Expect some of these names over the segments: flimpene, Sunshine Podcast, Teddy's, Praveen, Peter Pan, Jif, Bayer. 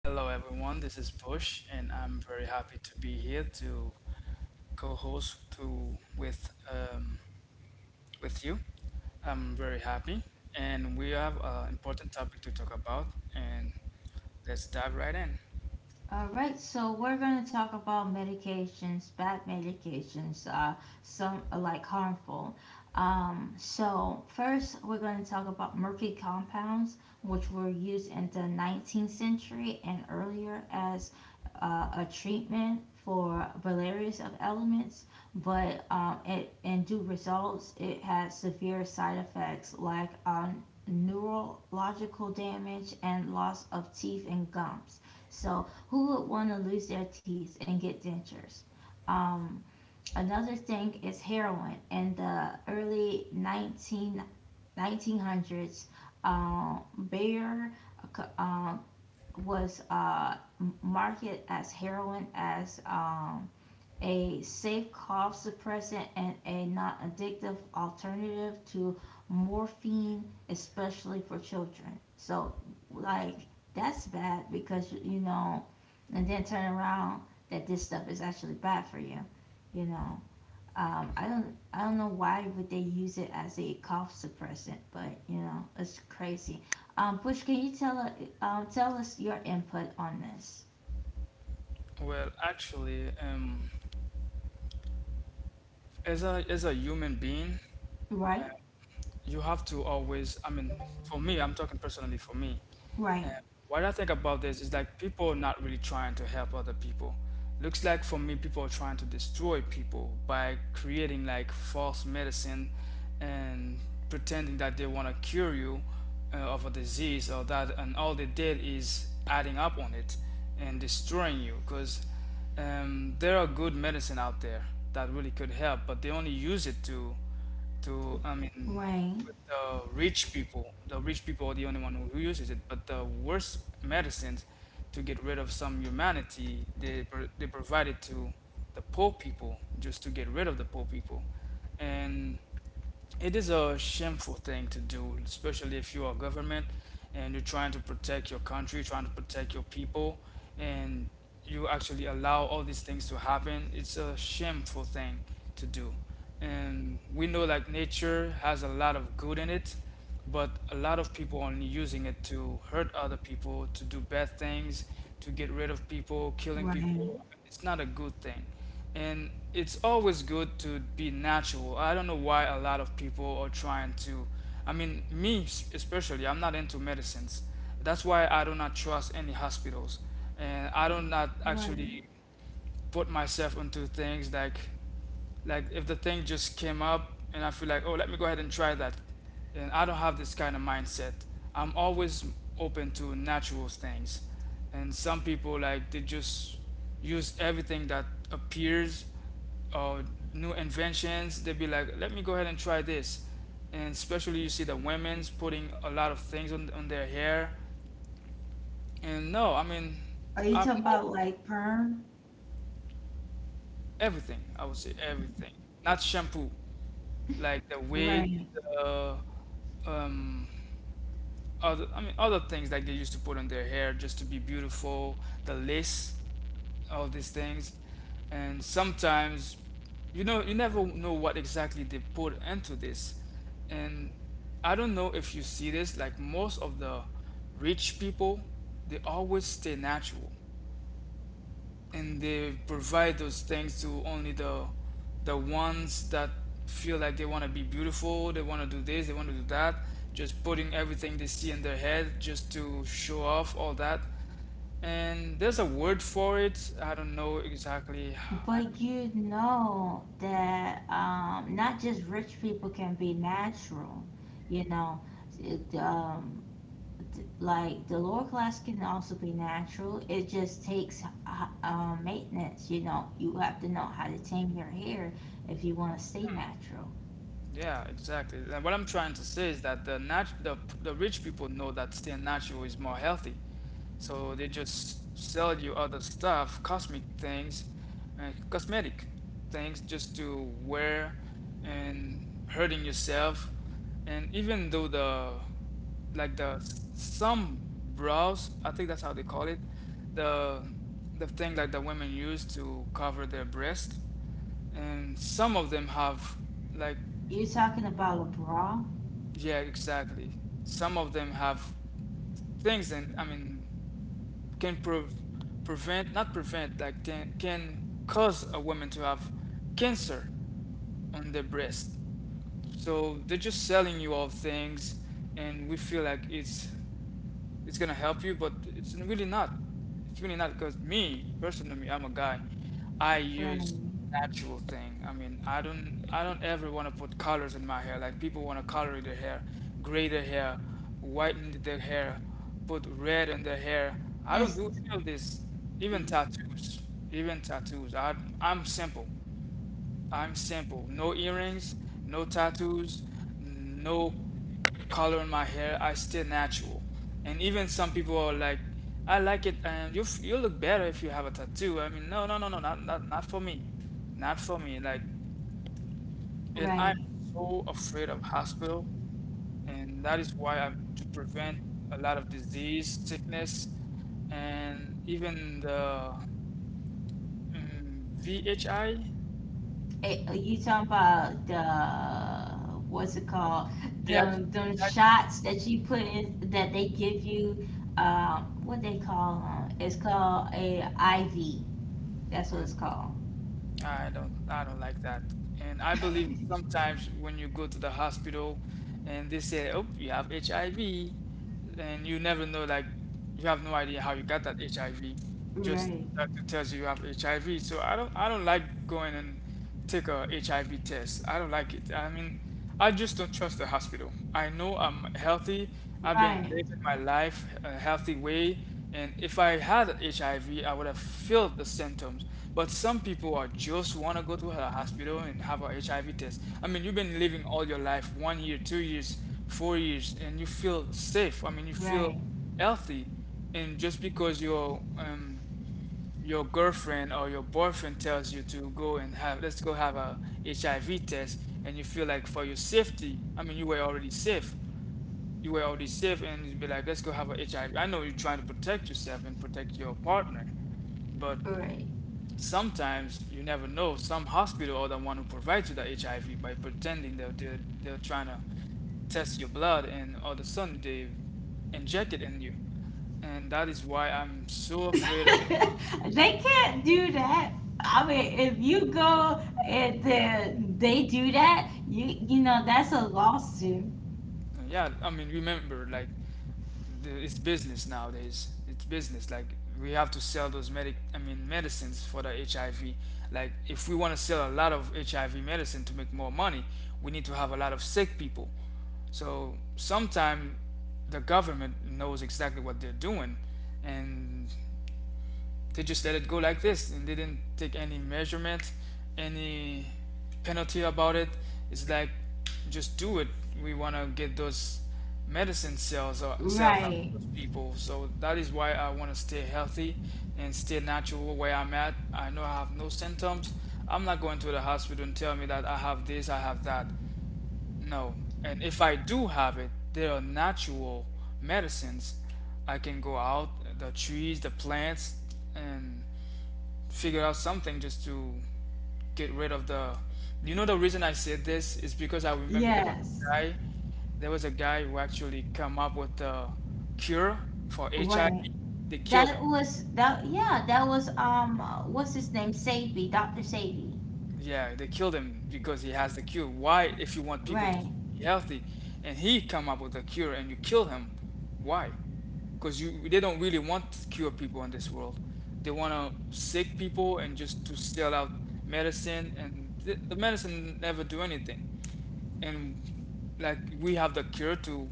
Hello everyone, this is Bush, and I'm very happy to be here to co-host to um, with you. I'm very happy, and we have an important topic to talk about, and let's dive right in. All right, so we're going to talk about medications, bad medications, some like harmful. So first, we're going to talk about murky compounds, which were used in the 19th century and earlier as uh, a treatment for various of elements, but it in due results, it had severe side effects like neurological damage and loss of teeth and gums. So who would want to lose their teeth and get dentures? Um, another thing is heroin. In the early 1900s, uh, Bayer uh, was marketed as heroin as a safe cough suppressant and a non addictive alternative to morphine, especially for children. So, like, that's bad because, you know, and then turn around that this stuff is actually bad for you, you know. I don't know why would they use it as a cough suppressant, but you know it's crazy. Bush, can you tell us your input on this? Well, actually, as a human being, Right, you have to always. I mean for me, I'm talking personally, for me, right, and what I think about this is like people are not really trying to help other people. Looks like for me, people are trying to destroy people by creating like false medicine and pretending that they want to cure you of a disease or that, and all they did is adding up on it and destroying you. Because there are good medicine out there that really could help, but they only use it to I mean right, with the rich people. The rich people are the only one who uses it. But the worst medicines, to get rid of some humanity, they they provide it to the poor people just to get rid of the poor people. And it is a shameful thing to do, especially if you are government and you're trying to protect your country, trying to protect your people, and you actually allow all these things to happen. It's a shameful thing to do. And we know like nature has a lot of good in it, but a lot of people are only using it to hurt other people, to do bad things, to get rid of people, killing people. right. It's not a good thing, and it's always good to be natural. I don't know why a lot of people are trying to. I mean, especially, I'm not into medicines. That's why I do not trust any hospitals, and I do not Right. actually put myself into things like if the thing just came up and I feel like, oh, let me go ahead and try that. And I don't have this kind of mindset. I'm always open to natural things. And some people, like they just use everything that appears or new inventions. They'd be like, let me go ahead and try this. And especially you see the women's putting a lot of things on their hair. And no, I mean, Are you I'm talking all, about like perm? everything. I would say everything. Not shampoo. Like the wig, Right. the um, other, I mean other things like they used to put on their hair just to be beautiful, the lace, all these things. And sometimes, you know, you never know what exactly they put into this. And I don't know if you see this, like most of the rich people, they always stay natural, and they provide those things to only the ones that feel like they want to be beautiful, they want to do this, they want to do that, just putting everything they see in their head just to show off all that. And there's a word for it, I don't know exactly. I. But you know that not just rich people can be natural, you know. It, like the lower class can also be natural. It just takes maintenance, you know. You have to know how to tame your hair if you want to stay natural. Yeah, exactly. And what I'm trying to say is that the rich people know that staying natural is more healthy. So they just sell you other stuff, cosmetic things just to wear and hurting yourself. And even though the, like the, some bras, I think that's how they call it, the the thing like the women use to cover their breast, and some of them have, like, You're talking about a bra? yeah, exactly. Some of them have things, and I mean, can prove prevent, not prevent, like can cause a woman to have cancer on their breast. So they're just selling you all things, and we feel like it's gonna help you, but it's really not. It's really not, because me personally, me, I'm a guy. I use Right. natural thing. I mean, I don't ever want to put colors in my hair. Like people want to color their hair, gray their hair, whiten their hair, put red in their hair. I don't That's do any of this. Even tattoos, even tattoos. I, I'm simple. I'm simple. No earrings, no tattoos, no color in my hair. I still natural. And even some people are like, I like it, and you look better if you have a tattoo. I mean, no, no, no, no, not for me, not for me. Like, and I'm right. so afraid of hospital, and that is why I'm to prevent a lot of disease, sickness, and even the VHI, Are you talking about the what's it called? Them shots that you put in that they give you. What they call them? It's called a IV. That's what it's called. I don't like that. And I believe sometimes when you go to the hospital and they say, "Oh, you have HIV," and you never know, like you have no idea how you got that HIV. Just Right, doctor tells you you have HIV. So I don't like going and take a HIV test. I don't like it. I mean, I just don't trust the hospital. I know I'm healthy. I've been right, living my life a healthy way, and if I had HIV, I V, I would have felt the symptoms. But some people are just want to go to a hospital and have a HIV test. I mean, you've been living all your life, 1 year, 2 years, 4 years, and you feel safe. I mean, you feel right, healthy. And just because you're your girlfriend or your boyfriend tells you to go and have, let's go have a HIV test, and you feel like for your safety, I mean you were already safe. You were already safe, and you'd be like, let's go have a HIV. I V. I know you're trying to protect yourself and protect your partner, but right. sometimes you never know. Some hospital are the one who provides you the HIV by pretending they're trying to test your blood, and all of a sudden they inject it in you. And that is why I'm so afraid. They can't do that. I mean, if you go and then they do that, you know that's a lawsuit. Yeah, I mean, remember, like it's business nowadays, it's business. Like we have to sell those medicines for the HIV. Like if we want to sell a lot of HIV medicine to make more money, we need to have a lot of sick people. So sometime the government knows exactly what they're doing, and they just let it go like this, and they didn't take any measurement, any penalty about it. It's like, just do it. We want to get those medicine cells or cells out of Right. those people. So that is why I want to stay healthy and stay natural where I'm at. I know I have no symptoms. I'm not going to the hospital and tell me that I have this, I have that. No. And if I do have it, there are natural medicines. I can go out, the trees, the plants, and figure out something just to get rid of the. You know the reason I said this is because I remember there was a Yes. guy, there was a guy who actually come up with the cure for Right. HIV. They killed That him. was that yeah, that was what's his name? Sadie, Dr. Sadie. Yeah, they killed him because he has the cure. Why, if you want people to Right, be healthy, and he come up with a cure and you kill him, why? Because you, they don't really want to cure people in this world. They want to sick people and just to sell out medicine, and the medicine never do anything. And like we have the cure to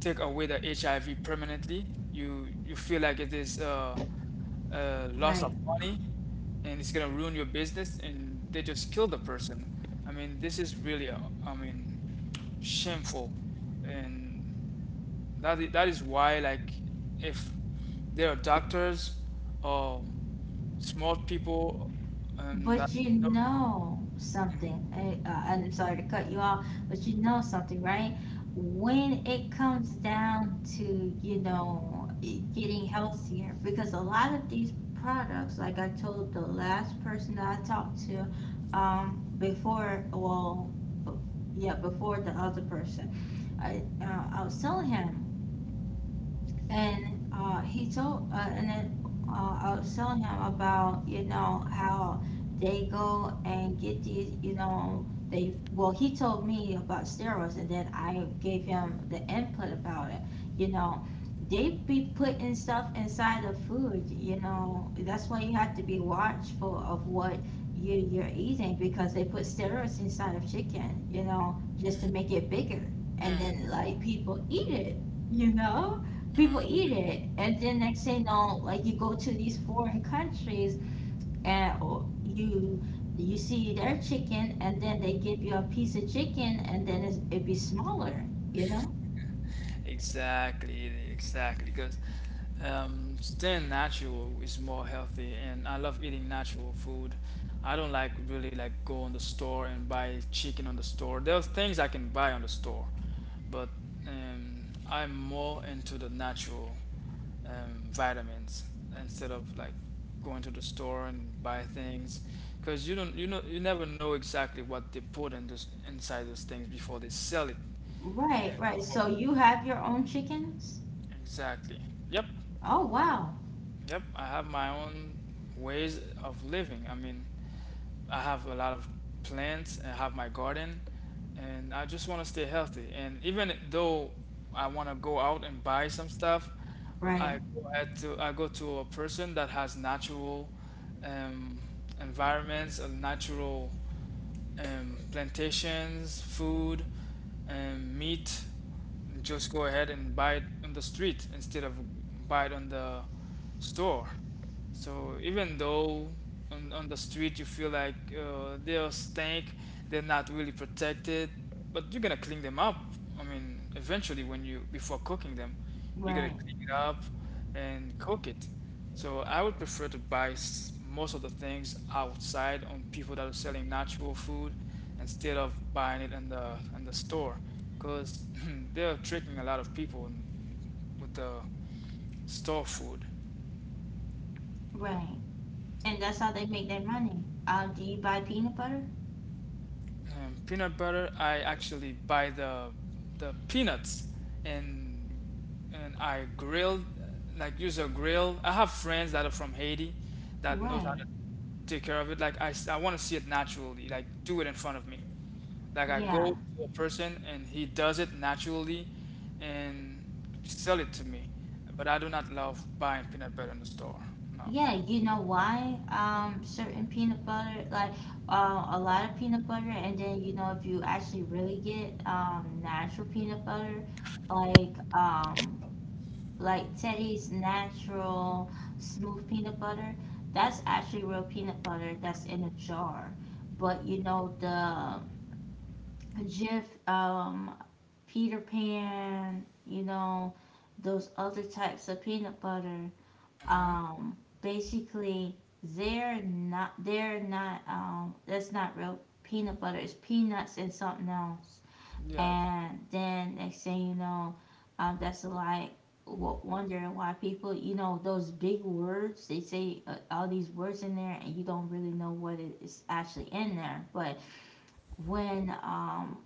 take away the HIV permanently. You feel like it is a loss right. of money, and it's gonna ruin your business, and they just kill the person. I mean, this is really, I mean, shameful. And that is why, like, if there are doctors or smart people, and that, But you no. know something. Mhm. I'm sorry to cut you off, but you know something, right? When it comes down to, you know, getting healthier, because a lot of these products, like I told the last person that I talked to, before, well, yeah, before the other person, I was telling him and he told and then uh, I was telling him about you know how they go and get these you know they well he told me about steroids and then I gave him the input about it you know they be putting stuff inside of food you know that's why you have to be watchful of what you're eating because they put steroids inside of chicken you know just to make it bigger and then like people eat it you know people Mhm. eat it and then next thing you know like you go to these foreign countries and oh, you see their chicken and then they give you a piece of chicken and then it'd be smaller you know Exactly, exactly. Because staying natural is more healthy, and I love eating natural food. I don't like really like go on the store and buy chicken on the store. There's things I can buy on the store, but I'm more into the natural vitamins instead of like going to the store and buy things, because you don't, you know, you never know exactly what they put in those, inside those things before they sell it. right right so you have your own chickens Exactly. Yep. oh wow Yep. I have my own ways of living. I mean, I have a lot of plants, I have my garden, and I just want to stay healthy. And even though I want to go out and buy some stuff, I right go ahead to I go to a person that has natural um, environments, a natural plantations, food, meat. Just go ahead and buy it on the street instead of buy it on the store. So even though on the street you feel like they'll stink, they're not really protected, but you're gonna clean them up. I mean, eventually, when you, before cooking them, you're gonna right clean it up and cook it. So I would prefer to buy most of the things outside on people that are selling natural food instead of buying it in the store, because they're tricking a lot of people with the store food. right and that's how they make their money do you buy peanut butter Peanut butter, I actually buy the peanuts and I grill, like, use a grill. I have friends that are from Haiti that knows how right to take care of it. I want to see it naturally, like, do it in front of me. Like I yeah. go to a person and he does it naturally and sell it to me. But I do not love buying peanut butter in the store. No. Yeah, you know why? Certain peanut butter, like a lot of peanut butter, and then you know if you actually really get natural peanut butter, like um like Teddy's natural smooth peanut butter, that's actually real peanut butter that's in a jar. But you know the Jif, Peter Pan, you know those other types of peanut butter Hmm. um basically they're not that's not real peanut butter it's peanuts and something else Yeah. and then next thing you know that's like w- wondering why people you know those big words they say all these words in there and you don't really know what is actually in there but when um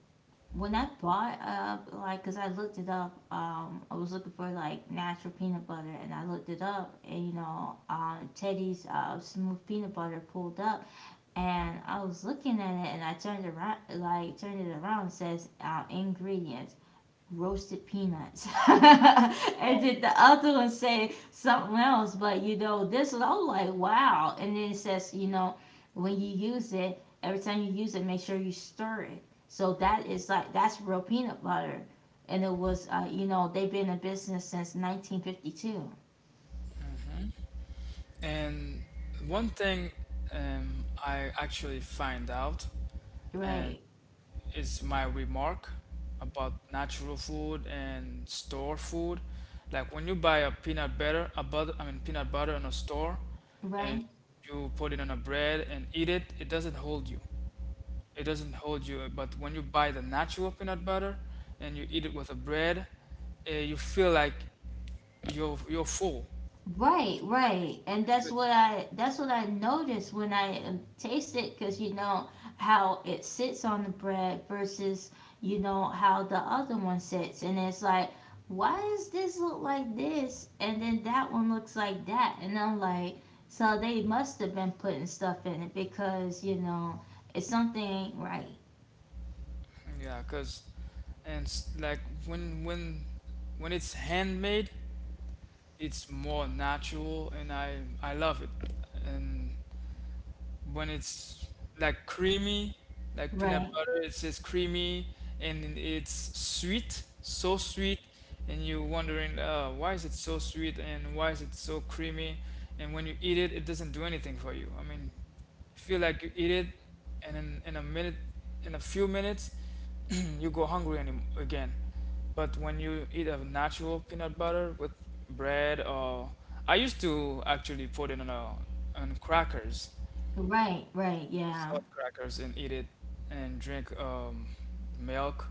when I bought up, like, cause I looked it up, I was looking for like natural peanut butter, and I looked it up, and you know, Teddy's smooth peanut butter pulled up, and I was looking at it, and I turned around, like, turned it around, it says ingredients, roasted peanuts. And then the other one say something else, but you know, this one, I was like, wow. And then it says, you know, when you use it, every time you use it, make sure you stir it. So that is like, that's real peanut butter. And it was, you know, they've been in business since 1952. And one thing, I actually find out and Right, is my remark about natural food and store food. Like when you buy a peanut butter, a butter, I mean peanut butter in a store, and right. you put it on a bread and eat it, it doesn't hold you. It doesn't hold you. But when you buy the natural peanut butter and you eat it with a bread, you feel like you're full. Right, right. And that's what I noticed when I taste it cuz you know how it sits on the bread versus you know how the other one sits and it's like why does this look like this and then that one looks like that and I'm like so they must have been putting stuff in it because you know it's something ain't right. Yeah, cause like when when when it's handmade, it's more natural, and I love it. And when it's, like, creamy, like peanut Right. butter, it's just creamy and it's sweet, so sweet, and you're wondering, why is it so sweet and why is it so creamy? And when you eat it, it doesn't do anything for you. I mean, feel like you eat it and in a few minutes you go hungry any, again. But when you eat a natural peanut butter with bread, or I used to actually put it on a, on crackers, Right, right. Yeah. salt crackers, and eat it and drink milk.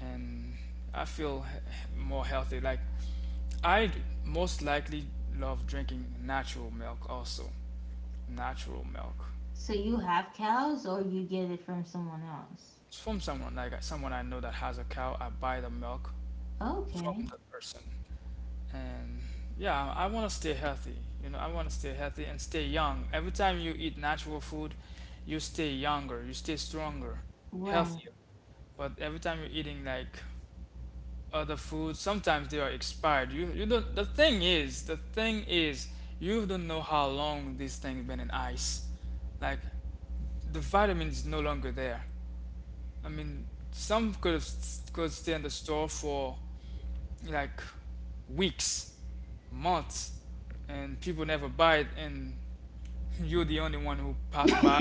And I feel more healthy, like I most likely love drinking natural milk also, natural milk. So you have cows or you get it from someone else? It's from someone like, someone I know that has a cow. I buy the milk from Okay. that person, and yeah, I want to stay healthy. You know, I want to stay healthy and stay young. Every time you eat natural food, you stay younger, you stay stronger, Right. healthier. But every time you're eating like other food, sometimes they are expired. You don't. The thing is, you don't know how long this thing been in ice. Like the vitamin is no longer there. I mean, some could have, could stay in the store for like weeks, months, and people never buy it, and you're the only one who pass by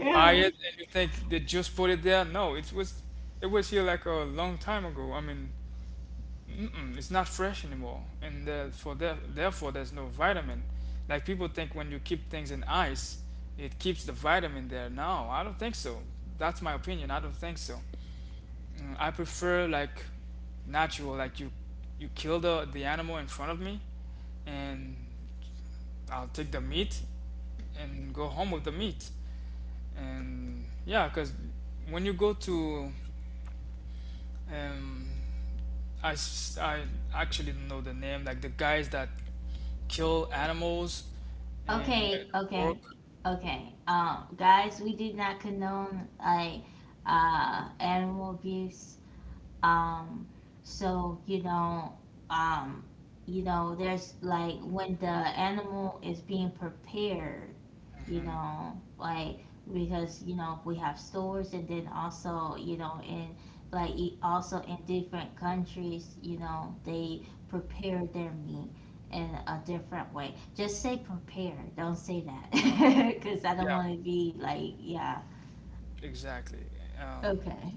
buy yeah. it, and you think they just put it there. No, it was, it was here like a long time ago. I mean, mm-mm, it's not fresh anymore, and for there, therefore there's no vitamin. Like people think when you keep things in ice, it keeps the vitamin there. No, I don't think so. That's my opinion. I don't think so. Mm, I prefer like natural, like you kill the animal in front of me, and I'll take the meat and go home with the meat. And yeah, because when you go to, um, I actually don't know the name, like the guys that kill animals and the, Okay, the pork. okay, okay. Guys, we do not condone like animal abuse. Um, so um, you know, there's like when the animal is being prepared, you Hmm. know, like because you know we have stores and then also you know in like e- also in different countries, you know, they prepare their meat in a different way. Just say prepare, don't say that, because I don't Yeah, want to be like yeah. exactly. Um. Okay,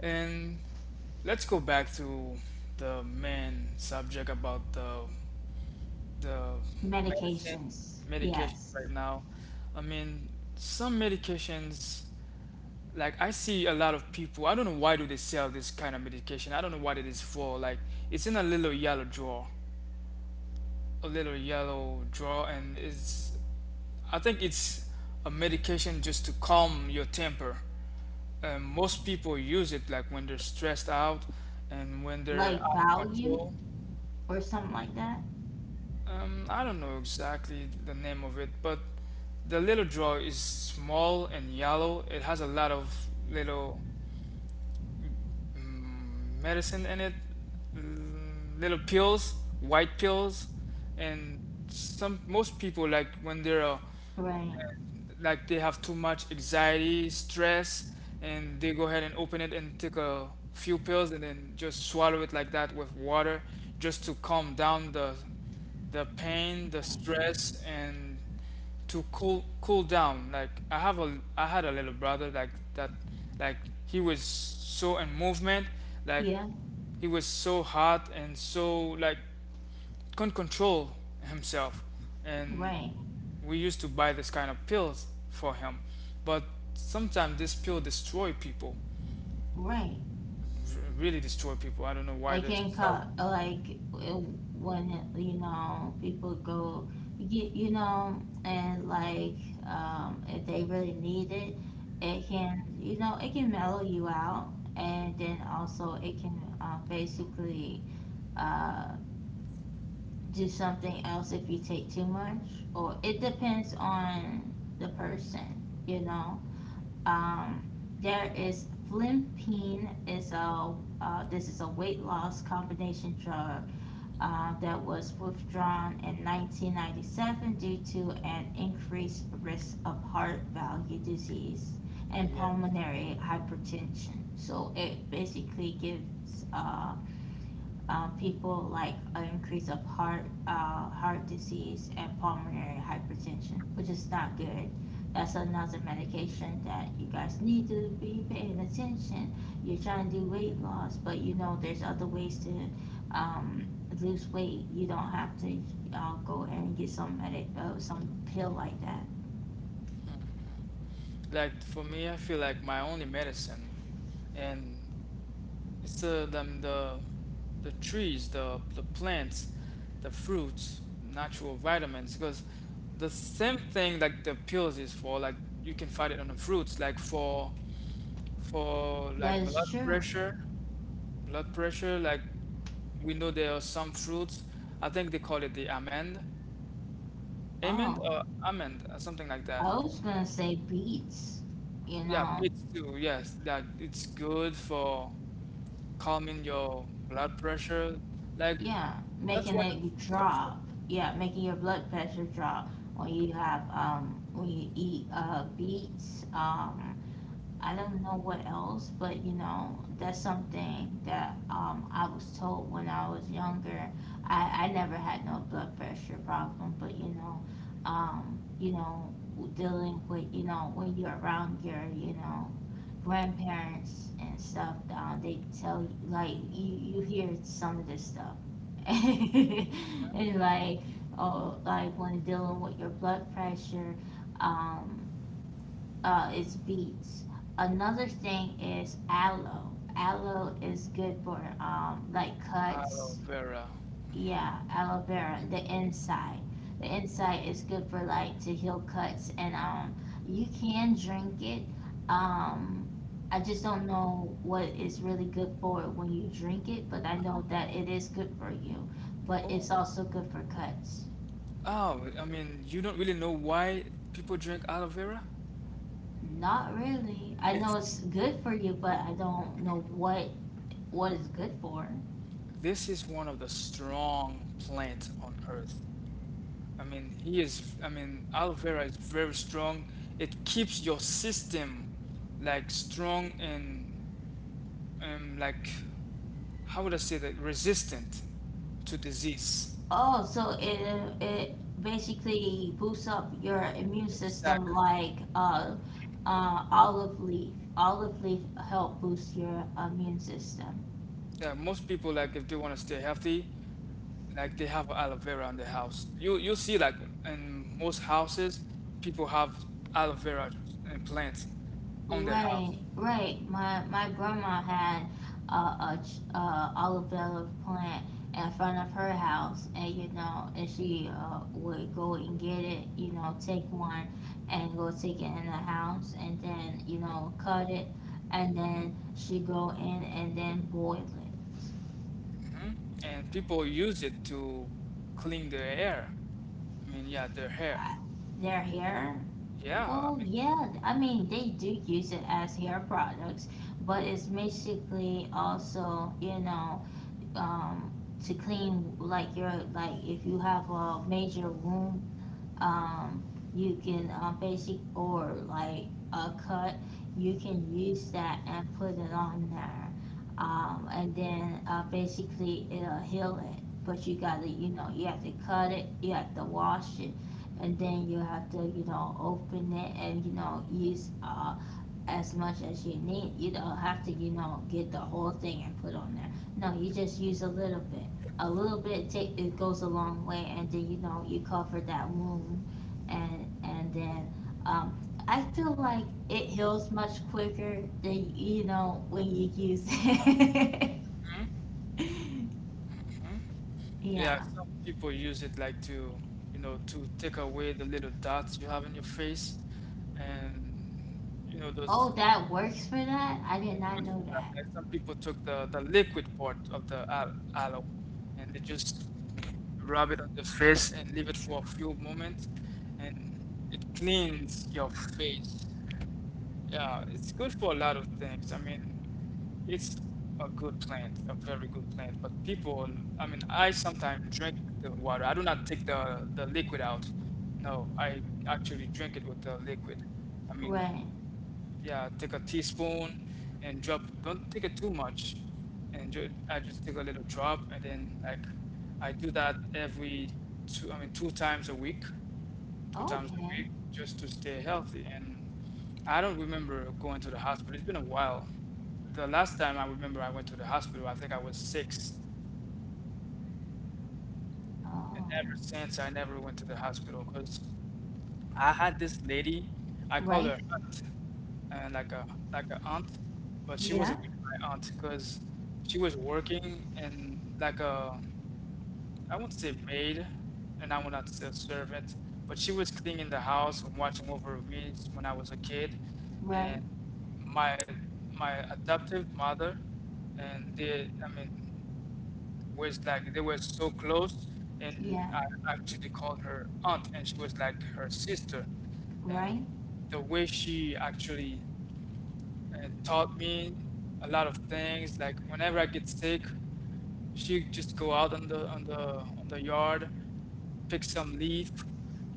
And let's go back to the main subject about the medicine, medications, medication yes. right now. I mean, some medications, like I see a lot of people. I don't know why do they sell this kind of medication. I don't know what it is for. Like it's in a little yellow drawer, a little yellow drawer, and it's, I think it's a medication just to calm your temper. Most people use it like when they're stressed out and when they're Like out of value control. or something like that. I don't know exactly the name of it, but the little drawer is small and yellow. It has a lot of little, mm, medicine in it, mm, little pills, white pills. And some, most people like when they're, Right, like, they have too much anxiety, stress, and they go ahead and open it and take a few pills and then just swallow it like that with water, just to calm down the pain, the right. stress, and to cool down. Like I have a, I had a little brother like that, like he was so in movement, like Yeah, he was so hot and so like couldn't control himself. And right, we used to buy this kind of pills for him. But sometimes this pill destroy people. right. r- Really destroy people. I don't know why I this. can So call like when you know people go, you know, and like if they really need it, it can you know it can mellow you out, and then also it can basically uh, do something else if you take too much, or it depends on the person, you know. Um, there is flimpene is a this is a weight loss combination drug that was withdrawn in 1997 due to an increased risk of heart valve disease and yeah. pulmonary hypertension. So it basically gives people like an increase of heart disease and pulmonary hypertension, which is not good. That's another medication that you guys need to be paying attention. You're trying to do weight loss, but you know there's other ways to um, lose weight. You don't have to go and get some pill like that. Like for me, I feel like my only medicine and, it's the trees, the plants, the fruits, natural vitamins. Because the same thing like the pills is for, like you can find it on the fruits, like for That like is blood true. pressure, blood pressure. Like we know there are some fruits. I think they call it the amend, amend Oh, or amend, or something like that. I was gonna say beets. You Yeah, know, beets too. Yes, that it's good for, calming your blood pressure. Like yeah, that's making what the it trees are for. drop. Yeah, making your blood pressure drop when you have when you eat beets. I don't know what else, but you know, that's something that I was told when I was younger. I never had no blood pressure problem, but you know, dealing with you know when you're around your you know grandparents and stuff, they tell you like you hear some of this stuff, and like oh like when dealing with your blood pressure, um, is beets. Another thing is aloe. Aloe is good for like Aloe cuts. vera. Yeah, aloe vera, the inside. The inside is good for like to heal cuts, and you can drink it. Um, I just don't know what it's really good for when you drink it, but I Oh, know that it is good for you. But oh, it's also good for cuts. oh. I mean, you don't really know why people drink aloe vera? Not really. I know It's, it's good for you, but I don't know what it's good for. this is one of the strong plants on earth. I mean, he is. I mean, aloe vera is very strong. It keeps your system like strong and, like, how would I say, that resistant to disease. Oh, so it basically boosts up your immune system Exactly. like olive leaf. Olive leaf help boost your immune system. Yeah, most people like, if they want to stay healthy, like, they have aloe vera in their house. You'll see like in most houses, people have aloe vera and plants on their house. Right, right. My grandma had a olive oil plant in front of her house, and you know, and she would go and get it, you know, take one and go take it in the house, and then you know, cut it, and then she go in and then boil it. Hmm. And people use it to clean their air. I mean, yeah, their hair. I, their hair, Yeah, I well, mean, yeah. I mean, they do use it as hair products, but it's basically also, you know um to clean like your like if you have a major wound um you can basic or like a cut you can use that and put it on there and then basically it'll heal it but you gotta you know you have to cut it you have to wash it and then you have to you know open it and you know use as much as you need. You don't have to, you know, get the whole thing and put on there. No, you just use a little bit. A little bit take, it goes a long way, and then you cover that wound. And then um, I feel like it heals much quicker than when you use it. mhm, mhm. Yeah, Yeah. some people use it like to, you know, to take away the little dots you have in your face, and you know Oh, those. that works for that. I did It not works know for that. that. Like some people took the liquid part of the aloe and they just rub it on the face and leave it for a few moments and it cleans your face. Yeah, it's good for a lot of things. I mean, it's a good plant, a very good plant. But people, I mean, I sometimes drink the water. I do not take the liquid out. No, I actually drink it with the liquid. I mean. Right. Yeah, take a teaspoon and drop. Don't take it too much, and ju I just take a little drop, and then, like, I do that every two, I mean, two times a week, two times a Okay. week, just to stay healthy. And I don't remember going to the hospital. It's been a while. The last time I remember I went to the hospital, I think I was six, Oh. and ever since I never went to the hospital because, I had this lady, I called Right. her aunt, and like a, like a aunt, but she Yeah. wasn't really my aunt because she was working in like a, I won't say maid, and I will not say servant, but she was cleaning the house and watching over me when I was a kid, Right. and my my adoptive mother, and they, I mean, was like they were so close and Yeah. I actually called her aunt and she was like her sister. And Right. the way she actually, taught me a lot of things, like whenever I get sick, she just go out on the yard, pick some leaf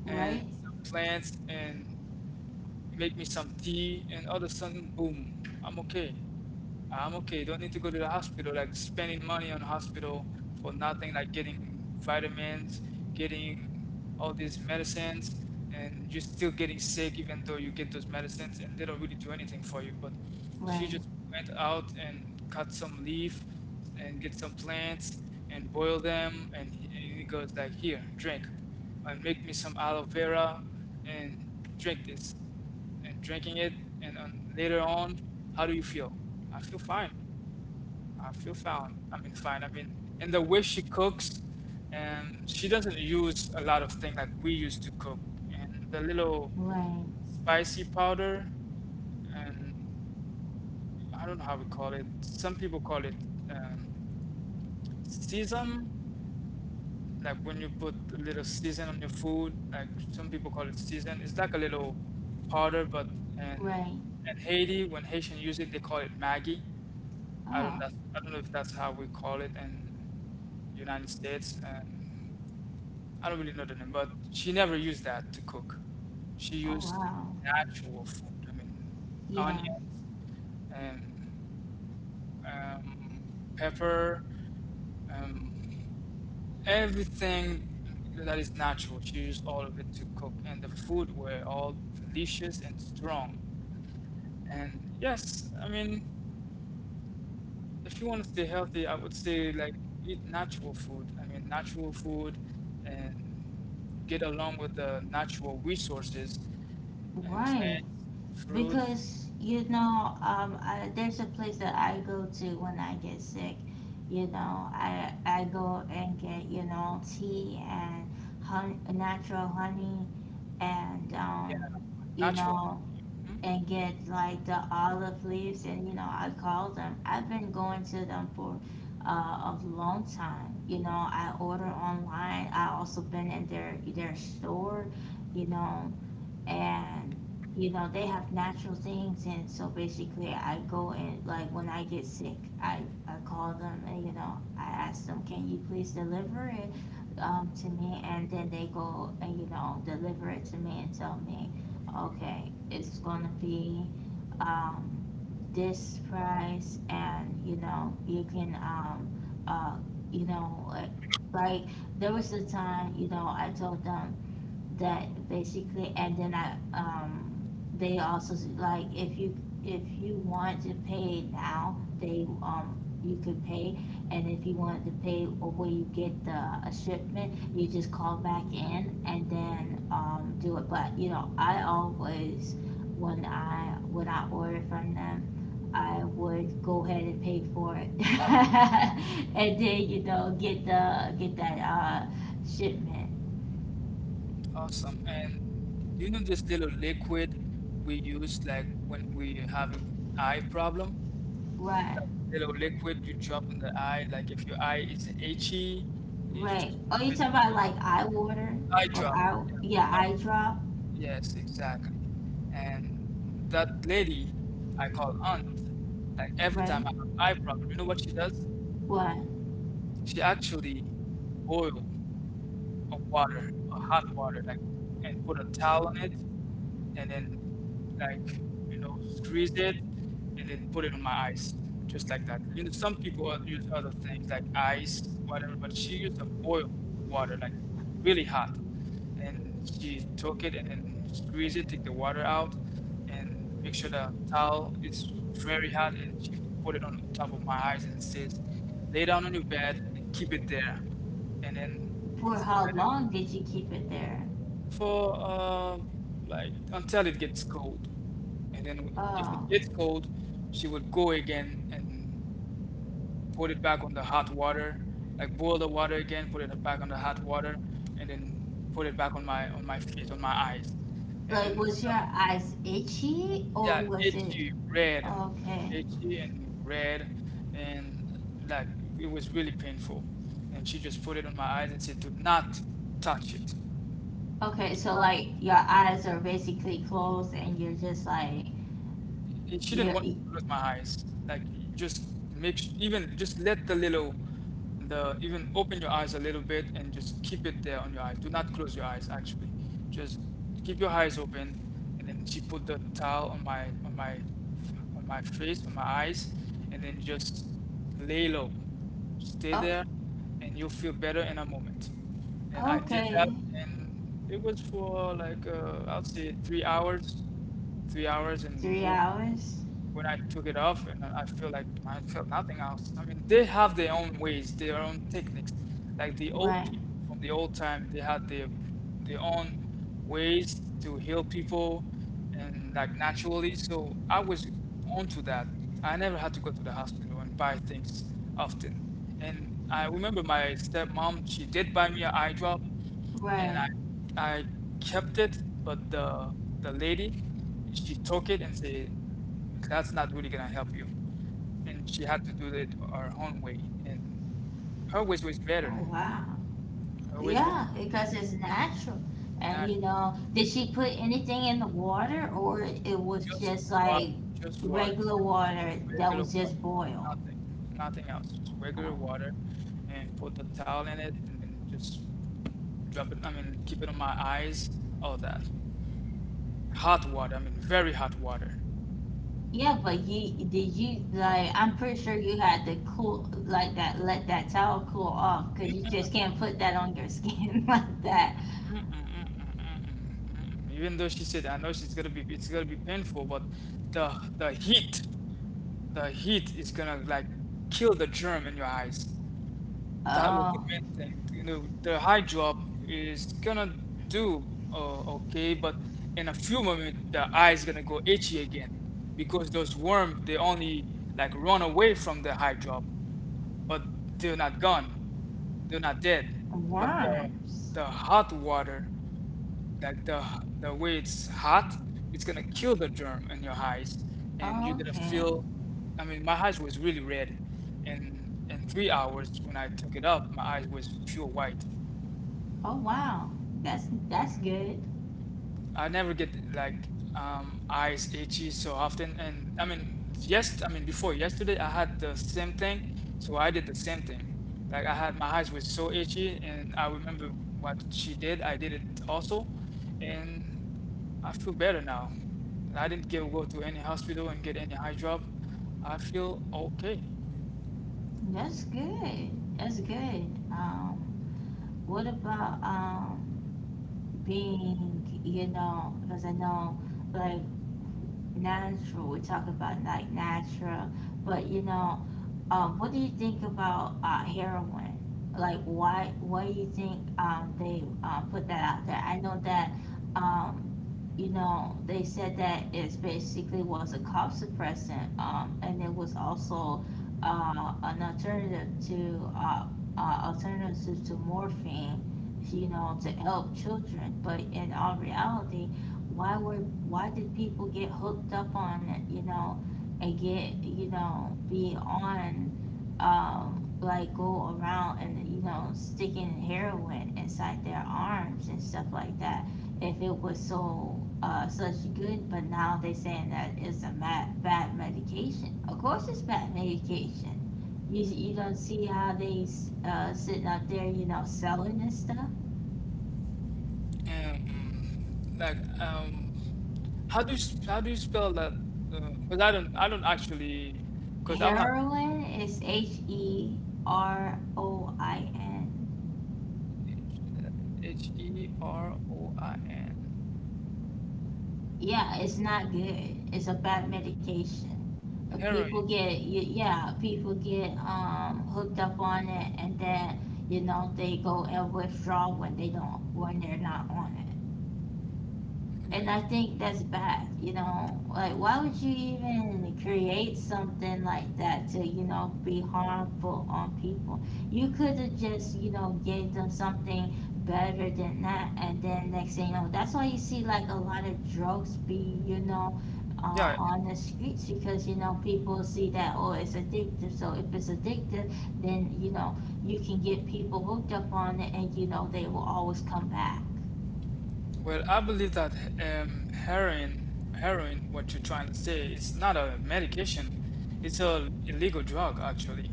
and Right, some plants and make me some tea, and all of a sudden, boom, I'm okay. I'm okay. Don't need to go to the hospital, like spending money on hospital for nothing, like getting vitamins, getting all these medicines, and you're still getting sick even though you get those medicines and they don't really do anything for you. But she rain, just went out and cut some leaf and get some plants and boil them, and he goes like, here, drink, and make me some aloe vera and drink this. And drinking it, and later on, how do you feel? I feel fine. I feel fine. I mean, fine. I mean, and the way she cooks, and she doesn't use a lot of things like we used to cook, and the little rain, spicy powder, and I don't know how we call it. Some people call it um, sesame, like when you put a little season on your food, like some people call it season. It's like a little powder, but, and rain. in Haiti, when Haitian use it, they call it Maggie. I don't, Oh, that's, I don't know if that's how we call it in United States. And I don't really know the name, but she never used that to cook. She oh used wow. natural food. I mean, Yeah, onions and um, pepper, um, everything that is natural. She used all of it to cook, and the food were all delicious and strong. And yes, I mean, if you want to stay healthy, I would say like eat natural food. I mean, natural food, and get along with the natural resources and right. plants, fruits. Because there's a place that I go to when I get sick. I go and get tea and honey, natural honey and Yeah, um, you natural. know, Mhm. and get like the olive leaves and I call them. I've been going to them for a long time. I order online. I also been in their store, you know and they have natural things. And so basically I go, and like when I get sick, i I call them, and I ask them, can you please deliver it to me? And then they go and deliver it to me and tell me, okay, it's gonna be um, this price. And you can, uh, you know like, like there was a time I told them that basically. And then I they also, like, if you want to pay now, they, you could pay. And if you wanted to pay, or you get the a shipment, you just call back in and then do it. But I always, when I order from them, I would go ahead and pay for it. And then get that shipment. Awesome. And do you know this little liquid we use like when we having eye problem? Right. That little liquid you drop in the eye, like if your eye is itchy, you Right. just Oh, drop you it. talking about like eye water Eye or drop. eye? Yeah. Yeah, Eye. eye drop. Yes, exactly. And that lady I call aunt, like every Right. time I have eye problem, you know what she does? What? She actually boil of water, a hot water, like, and put a towel on it, and then like, squeeze it, and then put it on my eyes, just like that. You know, use other things like ice, whatever, but she used a boil water, like really hot, and she took it and then squeeze it, take the water out, and make sure the towel is very hot, and she put it on top of my eyes and says, "Lay down on your bed and keep it there, and then you For feel how better." long did you keep it there? For like, until it gets cold. And then if Oh, it gets cold, she would go again and put it back on the hot water, like boil the water again, put it back on the hot water, and then put it back on my face, on my eyes. And like then was your eyes itchy or yeah, was it itchy red, okay? itchy and red, and like it was really painful. And she just put it on my eyes and said, "Do not touch it." Okay, so like your eyes are basically closed, and you're just like, And she you're didn't want e, me to close my eyes. Like, just even just let the little, the, even open your eyes a little bit and just keep it there on your eyes. Do not close your eyes actually. Just keep your eyes open. And then she put the towel on my face, on my eyes, and then just lay low. Stay oh, there, and you'll feel better in a moment. And I did that, okay. and it was for like, I'll say 3 hours, and three boom. hours. When I took it off, and I feel like I felt nothing else. I mean, they have their own ways, their own techniques. Like the old Right. people from the old time, they had their own ways to heal people and like naturally. So I was onto that. I never had to go to the hospital and buy things often. And I remember my stepmom, she did buy me an eye drop, and I Right. I kept it, but the lady, she took it and said, "That's not really gonna help you," and she had to do it her own way, and her way was better. Oh wow. Her way was Yeah, because it's natural. And better. Did she put anything in the water, or it was Just just like water, just water, regular simple, water that regular was water, just boiled? nothing, nothing else, just regular Oh. water, and put the towel in it, and then just drop it. I mean, keep it on my eyes, all that. Hot water, I mean, very hot water. Yeah, but you, like, I'm pretty sure you had to cool, like, that — let that towel cool off because you just can't put that on your skin like that. Mm-mm-mm-mm-mm. Even though she said, I know she's gonna be, it's gonna be painful, but the heat, the heat is gonna like kill the germ in your eyes. That was Uh, the main thing. You know, the high drop is gonna do okay, but in a few moments, the eye is gonna go itchy again because those worms, they only like run away from the high drop, but they're not gone. They're not dead. But the worms. the hot water. Like the way it's hot, it's gonna kill the germ in your eyes, and you're Oh, gonna okay. feel. I mean, my eyes was really red, and in 3 hours when I took it up, my eyes was pure white. Oh wow. That's good. I never get like eyes itchy so often. And I mean, yes, I mean before yesterday I had the same thing, so I did the same thing. Like I had my eyes were so itchy, and I remember what she did. I did it also, and I feel better now. I didn't get, go to any hospital and get any eye drop. I feel okay. That's good. That's good. What about being, because I know, like, natural, we talk about like natural, but what do you think about heroin? Like, why do you think they, put that out there? I know that, um, they said that it's basically was a cough suppressant, and it was also an alternative to morphine, to help children. But in all reality, why did people get hooked up on it? And get, be on, like, go around and sticking heroin inside their arms and stuff like that, if it was so such good. But now they saying that it's a bad medication. Of course it's bad medication. You don't see how they, sitting up there, selling this stuff. And like, how do you how do you spell that? Because I don't actually because I'm not. Heroin is heroin. Heroin. Yeah, it's not good. It's a bad medication. Uh, Heroin. People get y- yeah, people get hooked up on it, and then they go and withdraw when they're not on it. And I think that's bad. Like, why would you even create something like that to, be harmful on people? You could have just, gave them something better than that. And then next thing you know, that's why you see like a lot of drugs be, Yeah. on the streets, because people see that, oh, it's addictive. So if it's addictive, then you can get people hooked up on it, and they will always come back. Well, I believe that heroin, what you're trying to say, it's not a medication. It's a illegal drug, actually.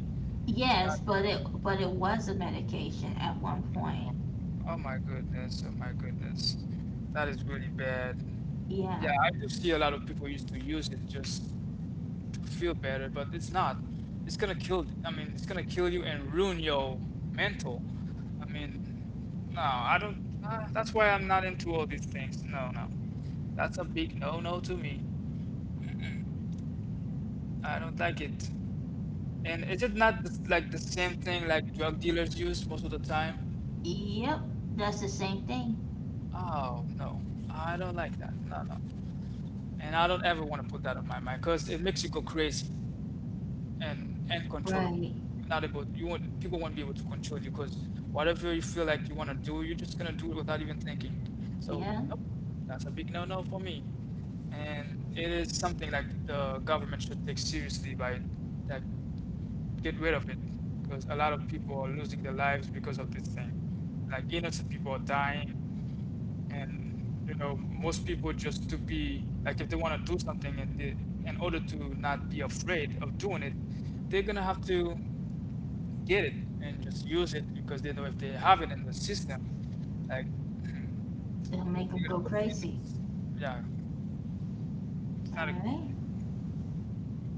It's not. Yes, but it was a medication at one point. Oh my goodness. Oh my goodness. That is really bad. Yeah. Yeah, I do see a lot of people used to use it just feel better, but it's not. It's gonna kill. I mean, it's gonna kill you and ruin your mental. I mean, no, I don't. That's why I'm not into all these things. No, no, that's a big no-no to me. I don't like it. And is it not like the same thing like drug dealers use most of the time? Yep. That's the same thing. Oh no, I don't like that. No, no. And I don't ever want to put that on my mind because it makes you go crazy and uncontrollable. Right. You're not able. You won't. People won't be able to control you because whatever you feel like you want to do, you're just gonna do it without even thinking. So Yeah. nope, that's a big no-no for me. And it is something like the government should take seriously by like get rid of it because a lot of people are losing their lives because of this thing. Like innocent people are dying, and you know most people just to be like if they want to do something and they, in order to not be afraid of doing it, they're gonna have to get it and just use it because they know if they have it in the system, like It'll make them they're go gonna go feel crazy. it, yeah, it's All not a good right. thing.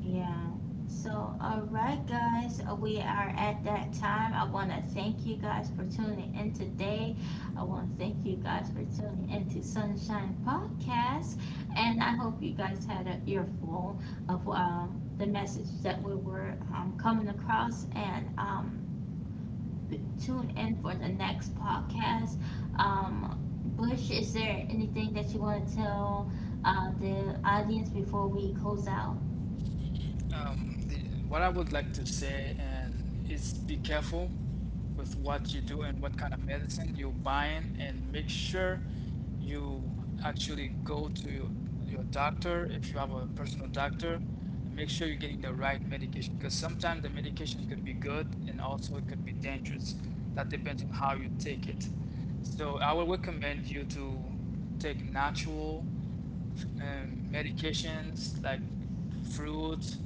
Yeah. So, all right, guys, we are at that time. I want to thank you guys for tuning in today. I want to thank you guys for tuning into Sunshine Podcast, and I hope you guys had an earful of the message that we were coming across. And tune in for the next podcast. Um, Bush, is there anything that you want to tell the audience before we close out? Um, the, what I would like to say and is be careful with what you do and what kind of medicine you're buying, and make sure you actually go to your doctor if you have a personal doctor. And make sure you're getting the right medication because sometimes the medication could be good and also it could be dangerous. That depends on how you take it. So I would recommend you to take natural medications like fruits,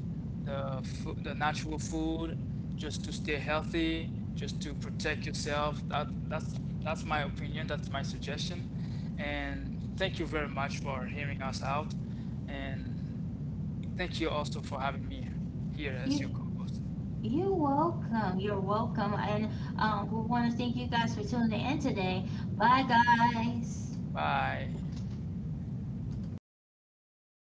the natural food, just to stay healthy, just to protect yourself. That's my opinion. That's my suggestion. And thank you very much for hearing us out. And thank you also for having me here as You. your co-host. You're welcome. You're welcome. And we want to thank you guys for tuning in today. Bye, guys. Bye.